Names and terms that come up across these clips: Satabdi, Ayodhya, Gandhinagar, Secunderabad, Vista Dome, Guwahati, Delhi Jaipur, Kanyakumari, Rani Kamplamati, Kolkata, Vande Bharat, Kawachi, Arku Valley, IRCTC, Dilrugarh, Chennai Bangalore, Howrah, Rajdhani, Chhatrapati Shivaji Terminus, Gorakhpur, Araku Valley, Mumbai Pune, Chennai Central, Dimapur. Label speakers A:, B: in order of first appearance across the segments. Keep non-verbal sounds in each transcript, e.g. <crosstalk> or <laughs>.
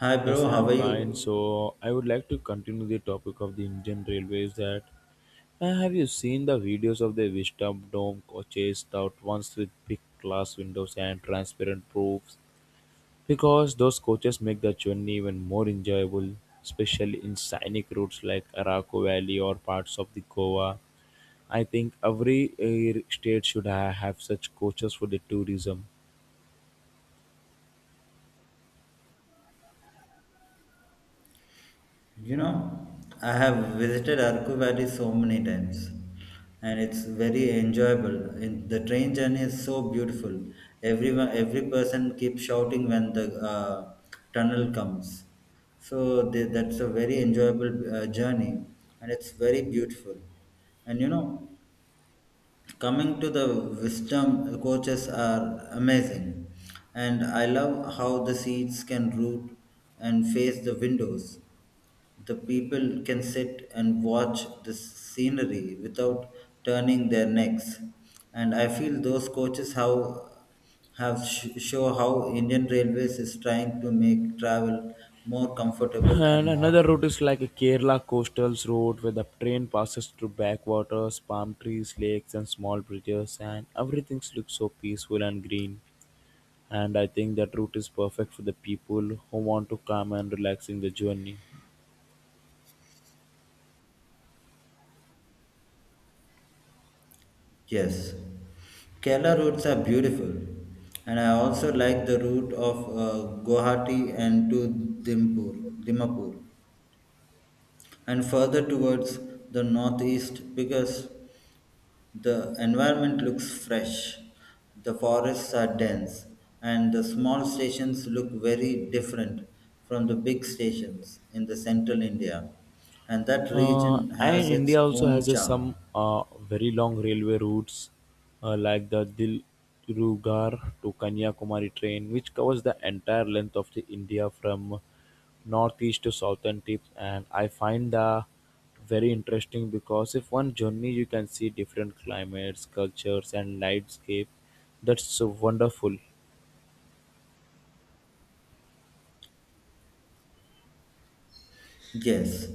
A: Hi
B: Yes,
A: bro, how
B: I'm
A: are
B: fine.
A: you?
B: So I would like to continue the topic of the Indian Railways. That Have you seen the videos of the Vista Dome coaches out once with big glass windows and transparent roofs? Because those coaches make the journey even more enjoyable, especially in scenic routes like Araku Valley or parts of the Goa. I think every state should have such coaches for the tourism.
A: You know, I have visited Arku Valley so many times and it's very enjoyable. And the train journey is so beautiful. Everyone, every person keeps shouting when the tunnel comes. So they, that's a very enjoyable journey and it's very beautiful. And you know, coming to the wisdom coaches are amazing, and I love how the seats can root and face the windows, the people can sit and watch the scenery without turning their necks, and I feel those coaches how show how Indian railways is trying to make travel more comfortable
B: And
A: and
B: another
A: modern.
B: route is like a Kerala coastal road where the train passes through backwaters, palm trees, lakes, and small bridges, and everything looks so peaceful and green. And I think that route is perfect for the people who want to come and relax in the journey.
A: Yes, Kerala routes are beautiful, and I also like the route of Guwahati and to Dimpur, Dimapur, and further towards the northeast because the environment looks fresh, the forests are dense, and the small stations look very different from the big stations in the central India, and that region
B: And
A: has its
B: India also
A: own
B: has a,
A: charm.
B: some very long railway routes like the Dilrugarh to Kanyakumari train, which covers the entire length of the India from northeast to southern tip. And I find the very interesting because if one journey you can see different climates, cultures, and landscape. That's so wonderful.
A: Yes,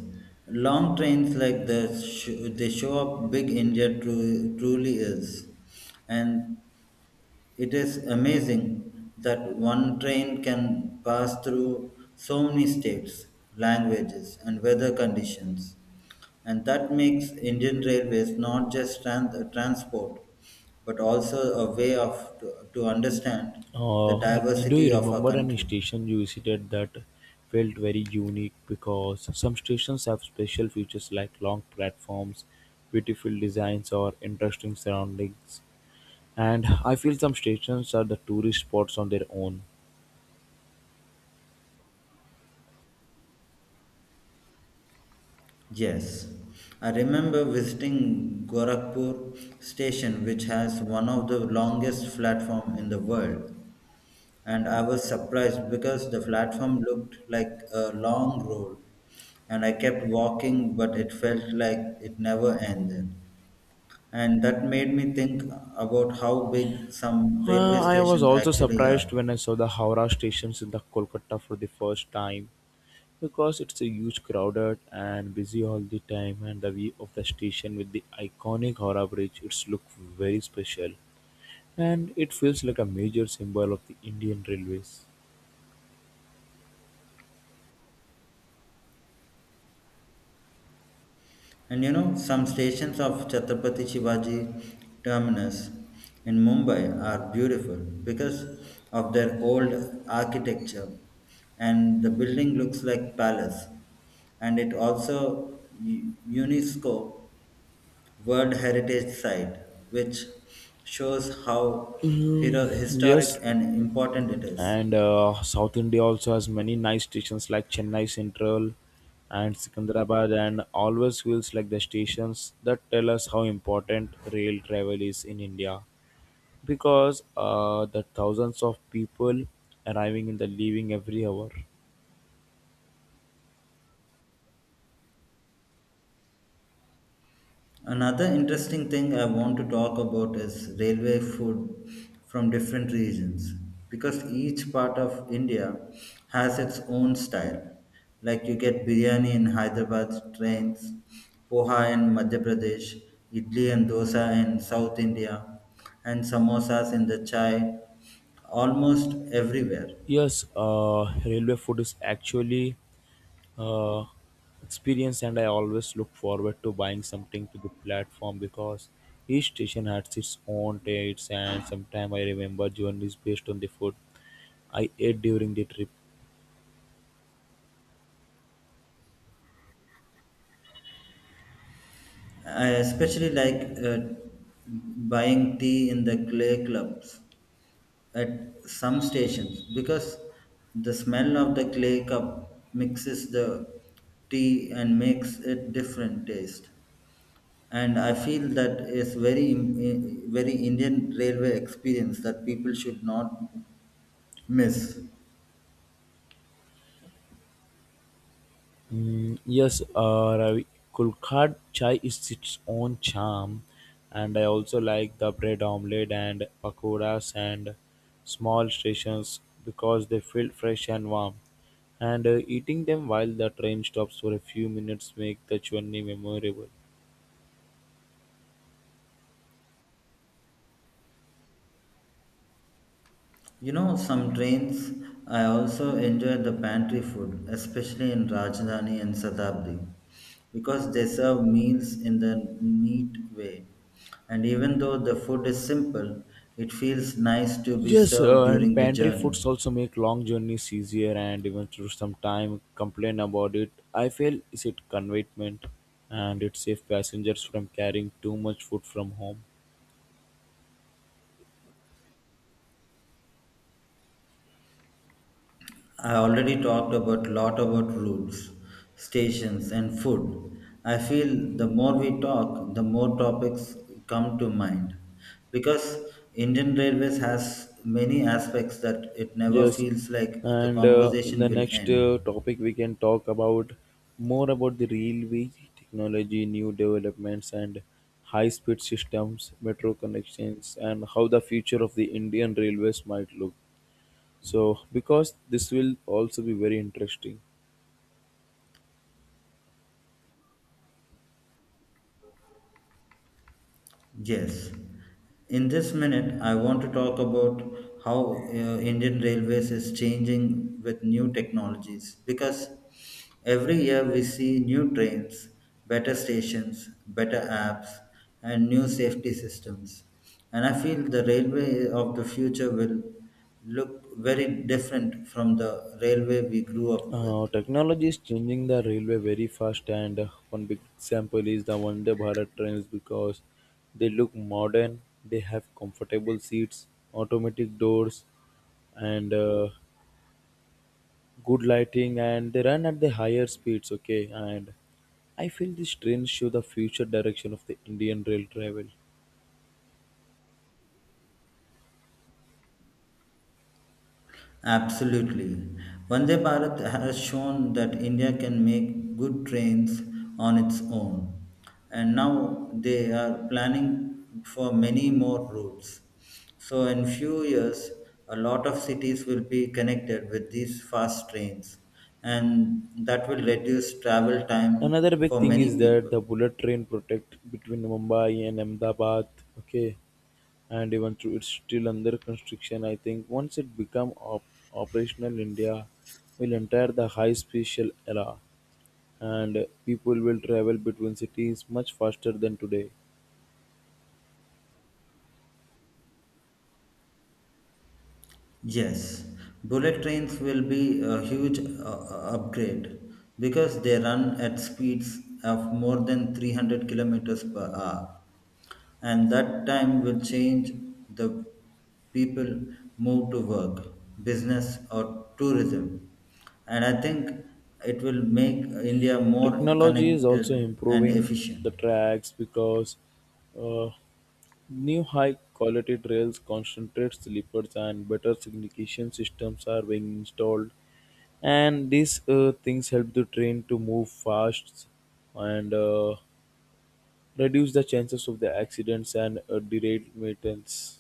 A: long trains like they show up big India truly is, and it is amazing that one train can pass through so many states, languages, and weather conditions, and that makes Indian railways not just transport, but also a way to understand the
B: Do you
A: diversity of our
B: remember any
A: country.
B: station you visited that felt very unique? Because some stations have special features like long platforms, beautiful designs, or interesting surroundings. And I feel some stations are the tourist spots on their own.
A: Yes, I remember visiting Gorakhpur station, which has one of the longest platform in the world. And I was surprised because the platform looked like a long road. And I kept walking, but it felt like it never ended. And that made me think about how big some railway
B: I was
A: stations
B: also
A: actually are.
B: surprised when I saw the Howrah stations in the Kolkata for the first time because it's a huge crowded and busy all the time, and the view of the station with the iconic Howrah bridge it's look very special. And it feels like a major symbol of the Indian Railways.
A: And you know, some stations of Chhatrapati Shivaji Terminus in Mumbai are beautiful because of their old architecture and the building looks like palace, and it also UNESCO World Heritage Site which shows how
B: Mm,
A: historic
B: yes,
A: and important it is.
B: and South India also has many nice stations like Chennai Central and Secunderabad, and always feels like the stations that tell us how important rail travel is in India because the thousands of people arriving and the leaving every hour.
A: Another interesting thing I want to talk about is railway food from different regions because each part of India has its own style. Like you get biryani in Hyderabad trains, poha in Madhya Pradesh, idli and dosa in South India, and samosas in the chai almost everywhere.
B: Yes, railway food is actually uh, experience, and I always look forward to buying something to the platform because each station has its own tastes, and sometimes I remember journeys based on the food I ate during the trip.
A: I especially like buying tea in the clay clubs at some stations because the smell of the clay cup mixes the tea and makes it different taste, and I feel that is very very Indian railway experience that people should not miss.
B: Mm, yes, Ravi, Kolkata chai is its own charm, and I also like the bread omelette and pakoras and small stations because they feel fresh and warm. And eating them while the train stops for a few minutes make the journey memorable.
A: You know, some trains I also enjoy the pantry food, especially in Rajdhani and Satabdi, because they serve meals in the neat way. And even though the food is simple, it feels nice to be
B: Yes,
A: served
B: and
A: during the
B: pantry
A: journey.
B: foods also make long journeys easier, and even through some time complain about it. I feel is it conveyment, and it saves passengers from carrying too much food from home.
A: I already talked about lot about routes, stations, and food. I feel the more we talk, the more topics come to mind, because Indian Railways has many aspects that it never
B: Yes,
A: feels like the
B: and in
A: conversation
B: the
A: will
B: next
A: end.
B: topic, we can talk about more about the railway technology, new developments, and high-speed systems, metro connections, and how the future of the Indian railways might look. So, because this will also be very interesting.
A: Yes. In this minute, I want to talk about how Indian Railways is changing with new technologies because every year we see new trains, better stations, better apps, and new safety systems. And I feel the railway of the future will look very different from the railway we grew up with.
B: Technology is changing the railway very fast, and one big example is the Vande Bharat trains because they look modern, they have comfortable seats, automatic doors, and good lighting, and they run at the higher speeds. Okay, and I feel these trains show the future direction of the Indian rail travel.
A: Absolutely. Vande Bharat has shown that India can make good trains on its own, and now they are planning for many more routes. So, in few years, a lot of cities will be connected with these fast trains, and that will reduce travel time
B: Another big
A: for
B: thing
A: many
B: is that
A: people.
B: the bullet train protect between Mumbai and Ahmedabad. Okay, and even though it's still under construction, I think once it become operational, India will enter the high special era, and people will travel between cities much faster than today.
A: Yes, bullet trains will be a huge upgrade because they run at speeds of more than 300 kilometers per hour, and that time will change the people move to work, business, or tourism. And I think it will make India more
B: Technology is also
A: connected and
B: improving the
A: efficient.
B: tracks because uh, new high quality trails, concentrate sleepers, and better signalization systems are being installed. And these things help the train to move fast and reduce the chances of the accidents and derailments.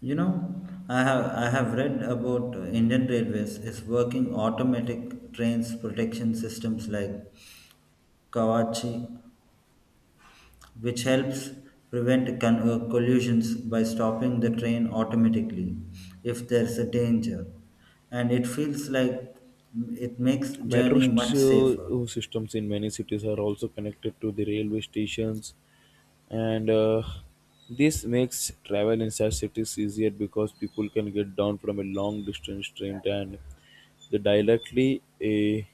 A: You know, I have read about Indian Railways is working automatic trains protection systems like Kawachi, which helps prevent collisions by stopping the train automatically if there's a danger, and it feels like it makes
B: Metro
A: journey much
B: st-
A: safer.
B: uh, systems in many cities are also connected to the railway stations, and this makes travel inside cities easier because people can get down from a long distance train and they directly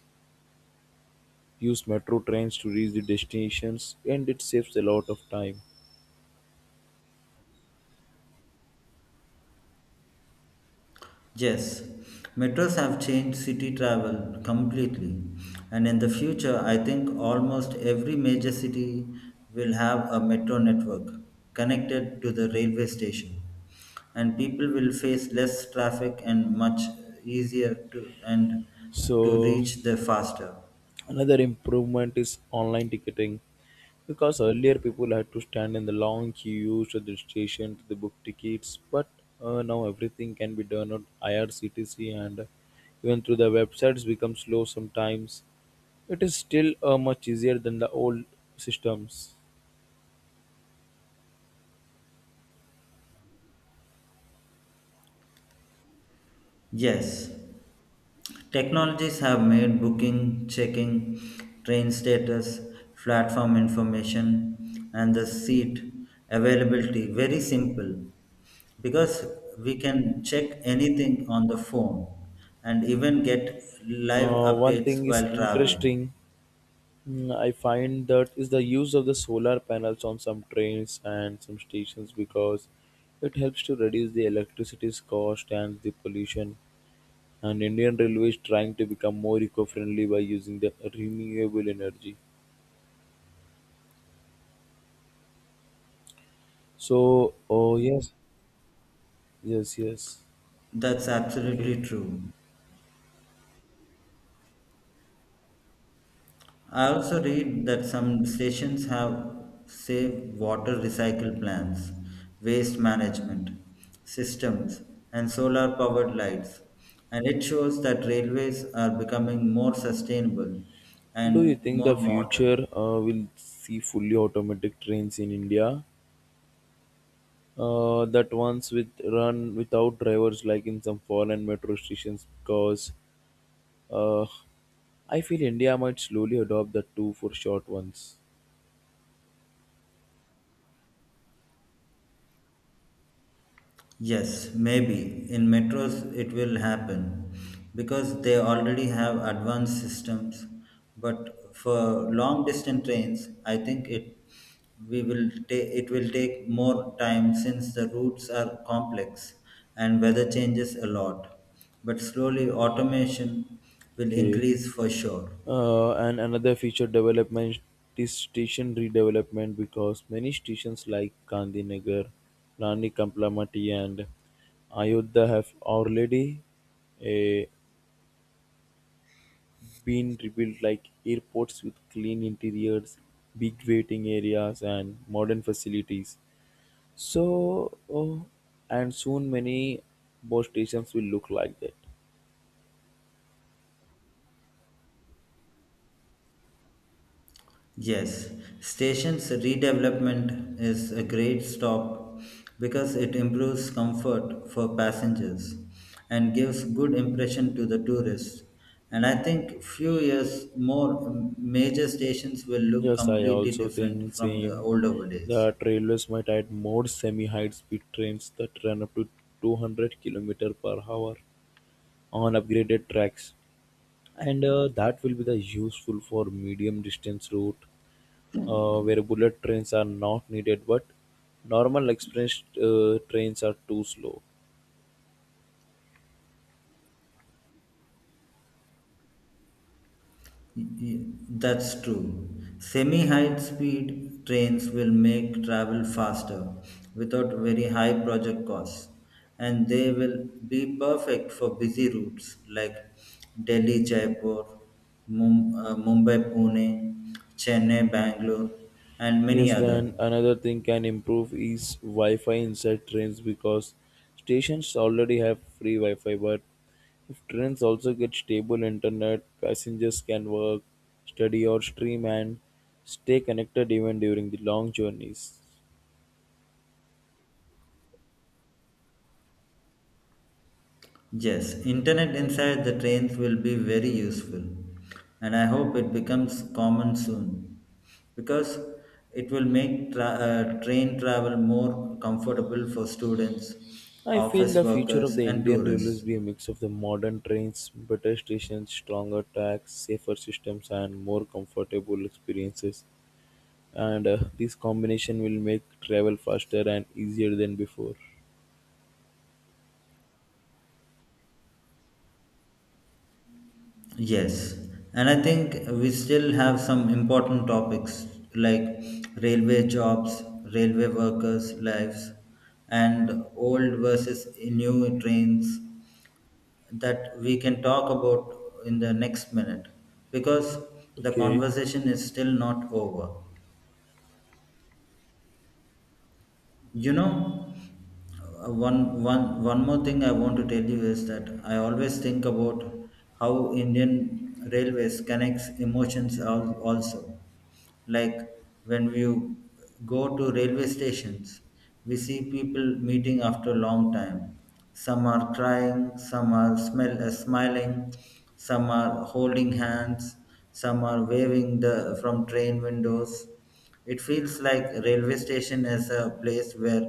B: use metro trains to reach the destinations, and it saves a lot of time.
A: Yes, metros have changed city travel completely, and in the future, I think almost every major city will have a metro network connected to the railway station, and people will face less traffic and much easier to
B: So
A: reach there faster.
B: another improvement is online ticketing because earlier people had to stand in the long queues at the station to the book tickets, but now everything can be done on IRCTC, and even through the websites become slow sometimes. It is still much easier than the old systems.
A: Yes, technologies have made booking, checking, train status, platform information, and the seat availability very simple because we can check anything on the phone and even get live
B: One
A: updates
B: thing is
A: while traveling.
B: interesting. Mm, I find that is the use of the solar panels on some trains and some stations because it helps to reduce the electricity's cost and the pollution. And Indian Railway is trying to become more eco-friendly by using the renewable energy. So, oh yes, yes, yes.
A: That's
B: Okay.
A: absolutely true. I also read that some stations have save water recycle plans, waste management systems, and solar powered lights. And it shows that railways are becoming more sustainable
B: Do you
A: and
B: think the
A: more modern.
B: future will see fully automatic trains in India? That ones with run without drivers, like in some foreign metro stations, because Uh, I feel India might slowly adopt the two for short ones.
A: Yes, maybe. In metros, it will happen because they already have advanced systems. But for long distance trains, I think it will take more time since the routes are complex and weather changes a lot. But slowly, automation will
B: Okay.
A: increase for sure.
B: And another feature development is station redevelopment because many stations like Gandhinagar, Rani Kamplamati, and Ayodhya have already uh, been rebuilt like airports with clean interiors, big waiting areas, and modern facilities. So, and soon many more stations will look like that.
A: Yes, station's redevelopment is a great stop because it improves comfort for passengers and gives good impression to the tourists. And I think few years more major stations will look
B: Yes, I
A: completely
B: also
A: different
B: think
A: from the
B: same.
A: older days.
B: The trailers might add more semi-high speed trains that run up to 200 km per hour on upgraded tracks. And that will be the useful for medium distance route where bullet trains are not needed but normal express trains are too slow.
A: That's true. Semi high speed trains will make travel faster without very high project costs, and they will be perfect for busy routes like Delhi Jaipur, Mumbai Pune, Chennai Bangalore, and many
B: Yes,
A: other.
B: then another thing can improve is Wi-Fi inside trains because stations already have free Wi-Fi. But if trains also get stable internet, passengers can work, study, or stream and stay connected even during the long journeys.
A: Yes, internet inside the trains will be very useful and I hope it becomes common soon because it will make train travel more comfortable for students,
B: I feel
A: office
B: the future
A: workers
B: of the
A: and
B: Indian Railways
A: tourists.
B: be a mix of the modern trains, better stations, stronger tracks, safer systems, and more comfortable experiences. And this combination will make travel faster and easier than before.
A: Yes, and I think we still have some important topics like railway jobs, railway workers' lives, and old versus new trains, that we can talk about in the next minute because the
B: Okay.
A: conversation is still not over. You know, one more thing I want to tell you is that I always think about how Indian railways connects emotions also, like when we go to railway stations we see people meeting after a long time, some are crying, some are smiling, some are holding hands, some are waving the from train windows. It feels like a railway station is a place where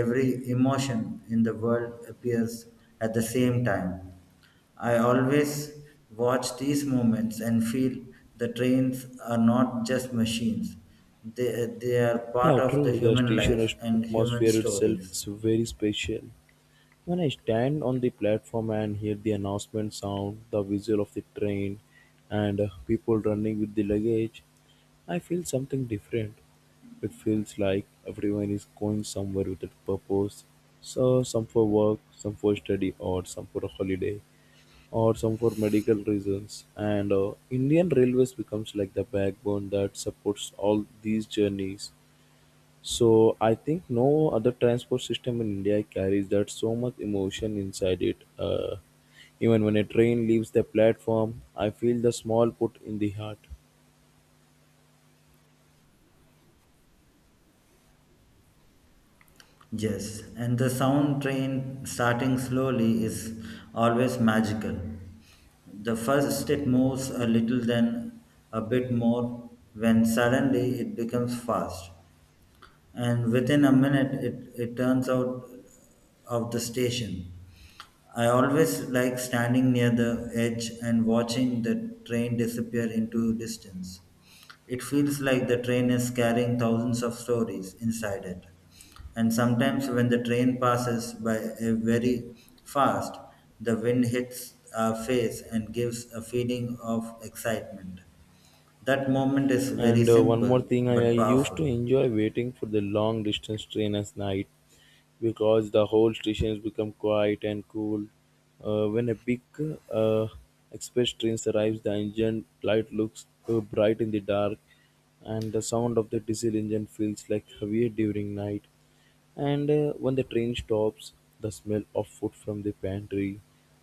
A: every emotion in the world appears at the same time. I always watch these moments and feel the trains are not just machines. They are part
B: Yeah,
A: of
B: true,
A: the
B: the
A: human
B: station
A: life
B: as-
A: and human
B: atmosphere itself
A: stories.
B: is very special. When I stand on the platform and hear the announcement sound, the whistle of the train, and people running with the luggage, I feel something different. It feels like everyone is going somewhere with a purpose, so some for work, some for study, or some for a holiday, or some for medical reasons. And Indian Railways becomes like the backbone that supports all these journeys. So I think no other transport system in India carries that so much emotion inside it. Even when a train leaves the platform, I feel the small put in the heart.
A: Yes, and the sound train starting slowly is always magical. The first it moves a little, then a bit more, when suddenly it becomes fast and within a minute it turns out of the station. I always like standing near the edge and watching the train disappear into distance. It feels like the train is carrying thousands of stories inside it. And sometimes when the train passes by very fast, the wind hits our face and gives a feeling of excitement. That moment is very
B: And one more
A: simple
B: thing, I
A: but
B: used to
A: powerful.
B: enjoy waiting for the long distance train at night because the whole station has become quiet and cool. When a big uh, express train arrives, the engine light looks bright in the dark, and the sound of the diesel engine feels like heavier during night. And when the train stops, the smell of food from the pantry,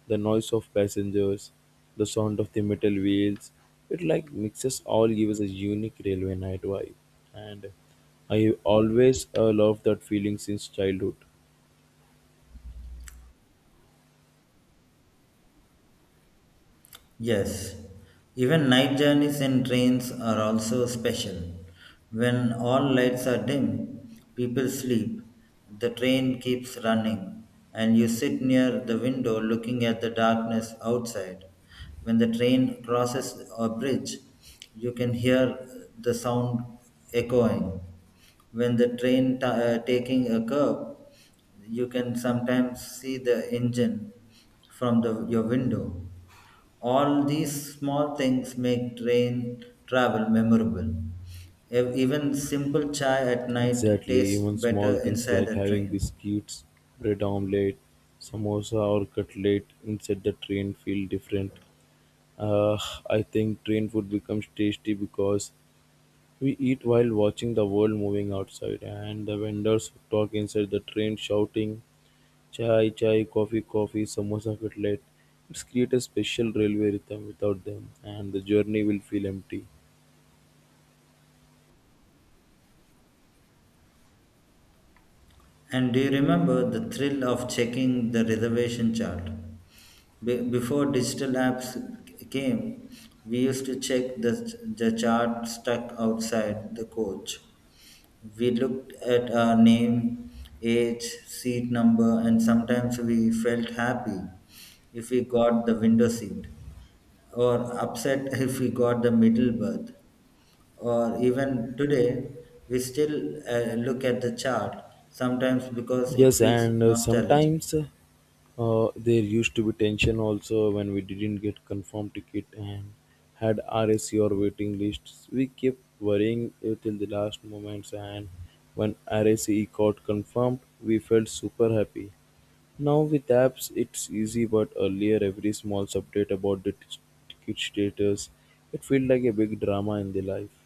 B: the noise of passengers, the sound of the metal wheels, it like mixes all gives a unique railway night vibe. And I always love that feeling since childhood.
A: Yes, even night journeys in trains are also special. When all lights are dim, people sleep, the train keeps running, and you sit near the window looking at the darkness outside. When the train crosses a bridge, you can hear the sound echoing. When the train taking a curve, you can sometimes see the engine from your window. All these small things make train travel memorable. Even simple chai at night
B: Exactly,
A: tastes
B: even small
A: better
B: things
A: inside
B: like
A: a
B: having
A: train.
B: biscuits, bread omelette, samosa or cutlet inside the train feel different. Uh, I think train food becomes tasty because we eat while watching the world moving outside, and the vendors talk inside the train shouting, Chai, chai, coffee, coffee, samosa, cutlet. It's create a special railway rhythm without them, and the journey will feel empty.
A: And do you remember the thrill of checking the reservation chart? Before digital apps came, we used to check the chart stuck outside the coach. We looked at our name, age, seat number, and sometimes we felt happy if we got the window seat or upset if we got the middle berth, or even today we still look at the chart sometimes because it
B: Yes,
A: feels
B: and
A: nostalgic.
B: sometimes there used to be tension also when we didn't get confirmed ticket and had RSC or waiting lists. We kept worrying till the last moments, and when RSC got confirmed, we felt super happy. Now with apps it's easy but earlier every small update about the ticket status it felt like a big drama in the life.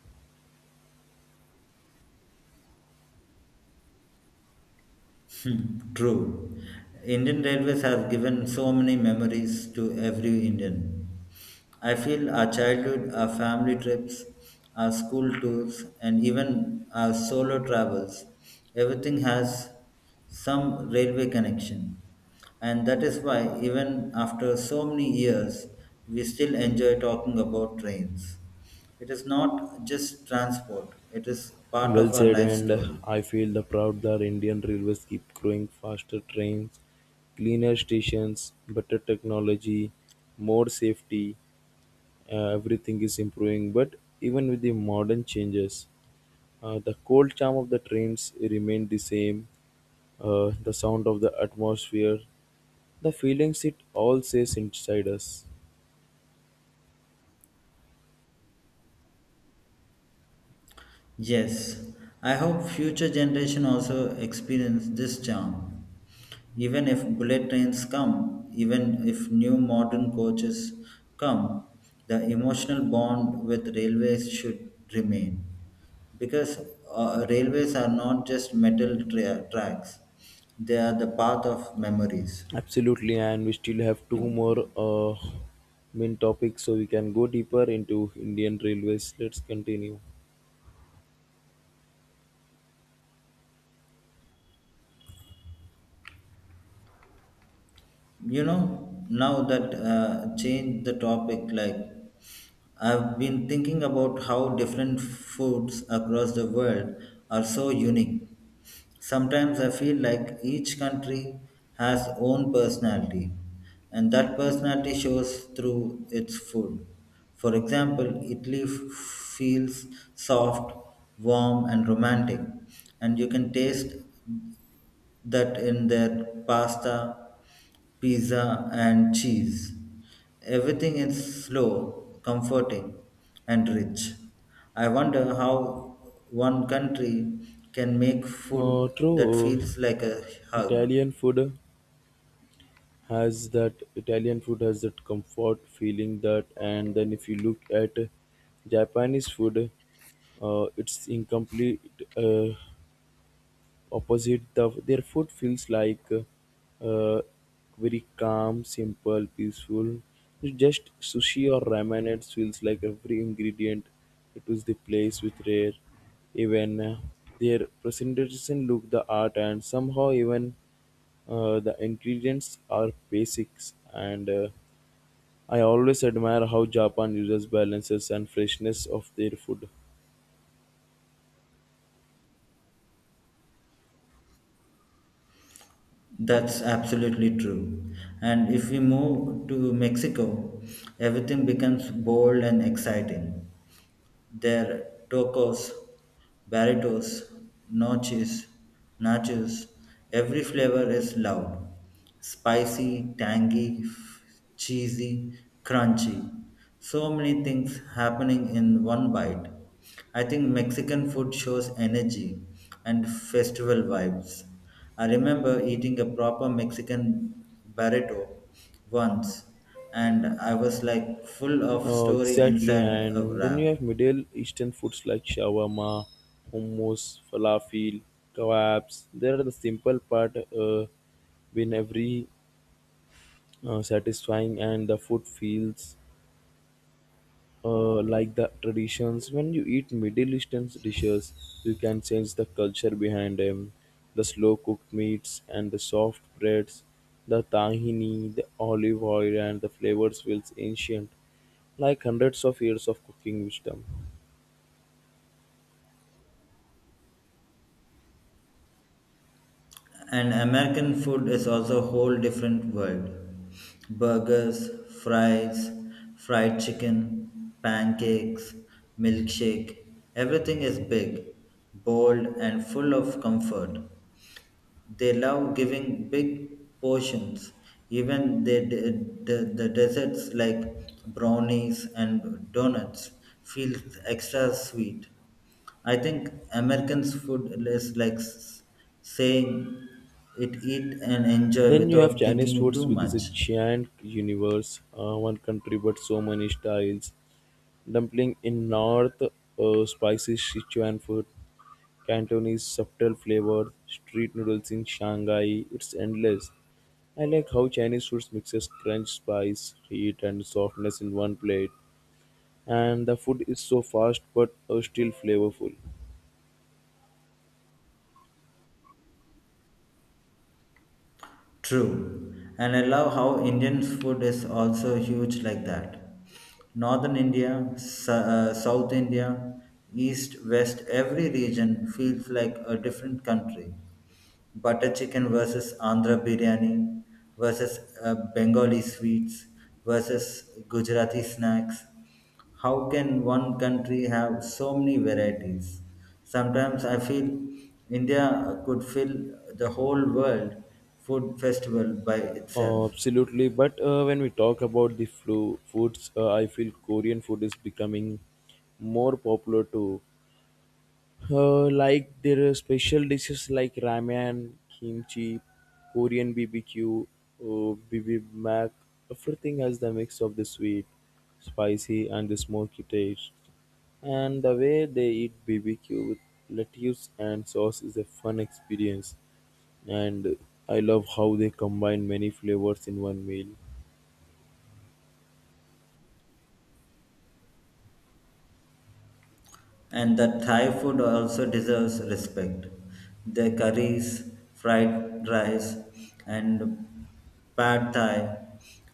A: <laughs> True. Indian Railways has given so many memories to every Indian. I feel our childhood, our family trips, our school tours, and even our solo travels, everything has some railway connection. And that is why, even after so many years, we still enjoy talking about trains. It is not just transport, it is part
B: Well
A: of our
B: said,
A: life
B: and
A: story.
B: I feel the proud that Indian railways keep growing faster trains, cleaner stations, better technology, more safety, everything is improving but even with the modern changes the cold charm of the trains remained the same. The sound of the atmosphere, the feelings it all says inside us.
A: Yes, I hope future generation also experience this charm. Even if bullet trains come, even if new modern coaches come, the emotional bond with railways should remain. Because railways are not just metal tracks, they are the path of memories.
B: Absolutely, and we still have two more main topics, so we can go deeper into Indian railways. Let's continue.
A: You know, now that change the topic, like, I've been thinking about how different foods across the world are so unique. Sometimes I feel like each country has own personality and that personality shows through its food. For example, Italy feels soft, warm and romantic, and you can taste that in their pasta, pizza, and cheese. Everything is slow, comforting, and rich. I wonder how one country can make
B: Uh,
A: food that
B: true, uh,
A: feels like a hug.
B: Italian food has that Italian food has that comfort feeling that, and then if you look at Japanese food, it's incomplete. Opposite the, their food feels like uh, very calm simple peaceful. It's just sushi or ramen, it feels like every ingredient it was the place with rare, even their presentation look the art, and somehow even the ingredients are basics, and I always admire how Japan uses balances and freshness of their food.
A: That's absolutely true. And if we move to Mexico, everything becomes bold and exciting. Their tacos, burritos, noches, nachos, every flavor is loud. Spicy, tangy, cheesy, crunchy. So many things happening in one bite. I think Mexican food shows energy and festival vibes. I remember eating a proper Mexican burrito once and I was like full of
B: Uh,
A: story
B: exactly,
A: inside a
B: and then you have
A: wrap.
B: Middle Eastern foods like shawarma, hummus, falafel, kebabs. They are the simple part, been every satisfying, and the food feels like the traditions. When you eat Middle Eastern dishes, you can sense the culture behind them, the slow cooked meats and the soft breads, the tahini, the olive oil, and the flavors feels ancient, like hundreds of years of cooking wisdom.
A: And American food is also a whole different world. Burgers, fries, fried chicken, pancakes, milkshake, everything is big, bold, and full of comfort. They love giving big portions, even the desserts like brownies and donuts feel extra sweet. I think Americans' food is like saying it eat and enjoy
B: Then you have
A: without
B: Chinese
A: thinking
B: foods,
A: too
B: which is a
A: much.
B: giant universe, one country but so many styles. Dumpling in north, spicy Sichuan food, Cantonese subtle flavors, street noodles in Shanghai. It's endless. I like how Chinese foods mixes crunch, spice, heat, and softness in one plate, and the food is so fast but still flavorful.
A: True. And I love how Indian food is also huge like that. Northern India, South India, East, West, every region feels like a different country. Butter chicken versus Andhra biryani versus Bengali sweets versus Gujarati snacks. How can one country have so many varieties? Sometimes I feel India could fill the whole world food festival by
B: Uh,
A: itself.
B: absolutely, but when we talk about the flu foods, I feel Korean food is becoming more popular too. Like there are special dishes like ramen, kimchi, Korean BBQ, bibimbap. Everything has the mix of the sweet, spicy, and the smoky taste. And the way they eat BBQ with lettuce and sauce is a fun experience. And I love how they combine many flavors in one meal.
A: And the Thai food also deserves respect. Their curries, fried rice, and pad thai,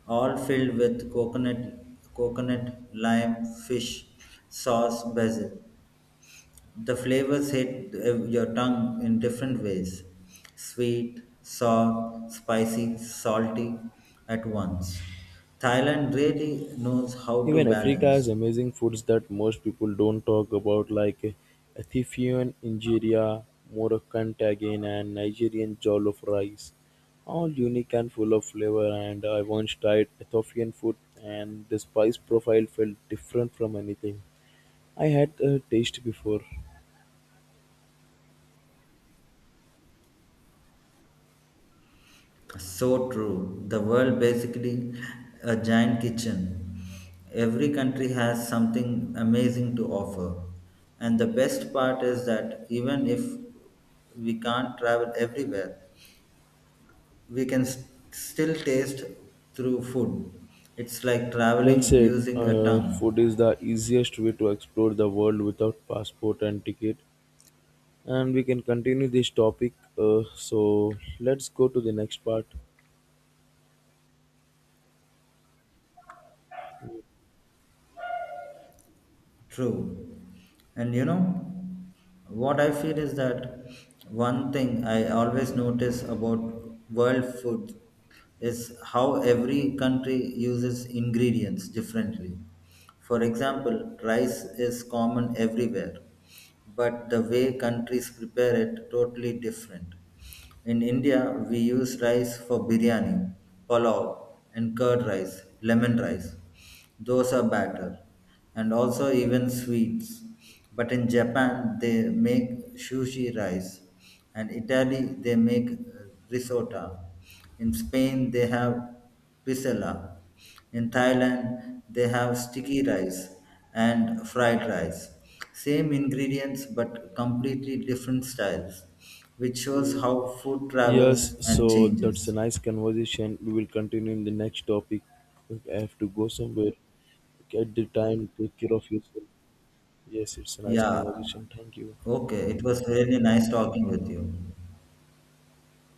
A: all filled with coconut, lime, fish, sauce, basil. The flavors hit your tongue in different ways sweet, sour, spicy, salty at once. Thailand really knows how to
B: Even Africa has
A: balance.
B: amazing foods that most people don't talk about, like Ethiopian injera, Moroccan tagine and Nigerian jollof rice. All unique and full of flavor, and I once tried Ethiopian food and the spice profile felt different from anything I had a taste before.
A: So true. The world basically a giant kitchen. Every country has something amazing to offer. And the best part is that even if we can't travel everywhere, we can still taste through food. It's like
B: Well
A: traveling
B: said,
A: using a tongue.
B: food is the easiest way to explore the world without passport and ticket. And we can continue this topic. So let's go to the next part.
A: True. And you know, what I feel is that one thing I always notice about world food is how every country uses ingredients differently. For example, rice is common everywhere, but the way countries prepare it totally different. In India, we use rice for biryani, pulao, and curd rice, lemon rice. Those are better, and also even sweets. But in Japan, they make sushi rice, and Italy, they make risotto. In Spain, they have pisela. In Thailand, they have sticky rice and fried rice. Same ingredients, but completely different styles, which shows
B: Okay.
A: how food
B: Yes,
A: travels and
B: so that's a
A: changes.
B: nice conversation. We will continue in the next topic. I have to go somewhere. At the time, take care of yourself. Yes, it's a nice
A: Yeah.
B: conversation. Thank you.
A: Okay. It was really nice talking with you.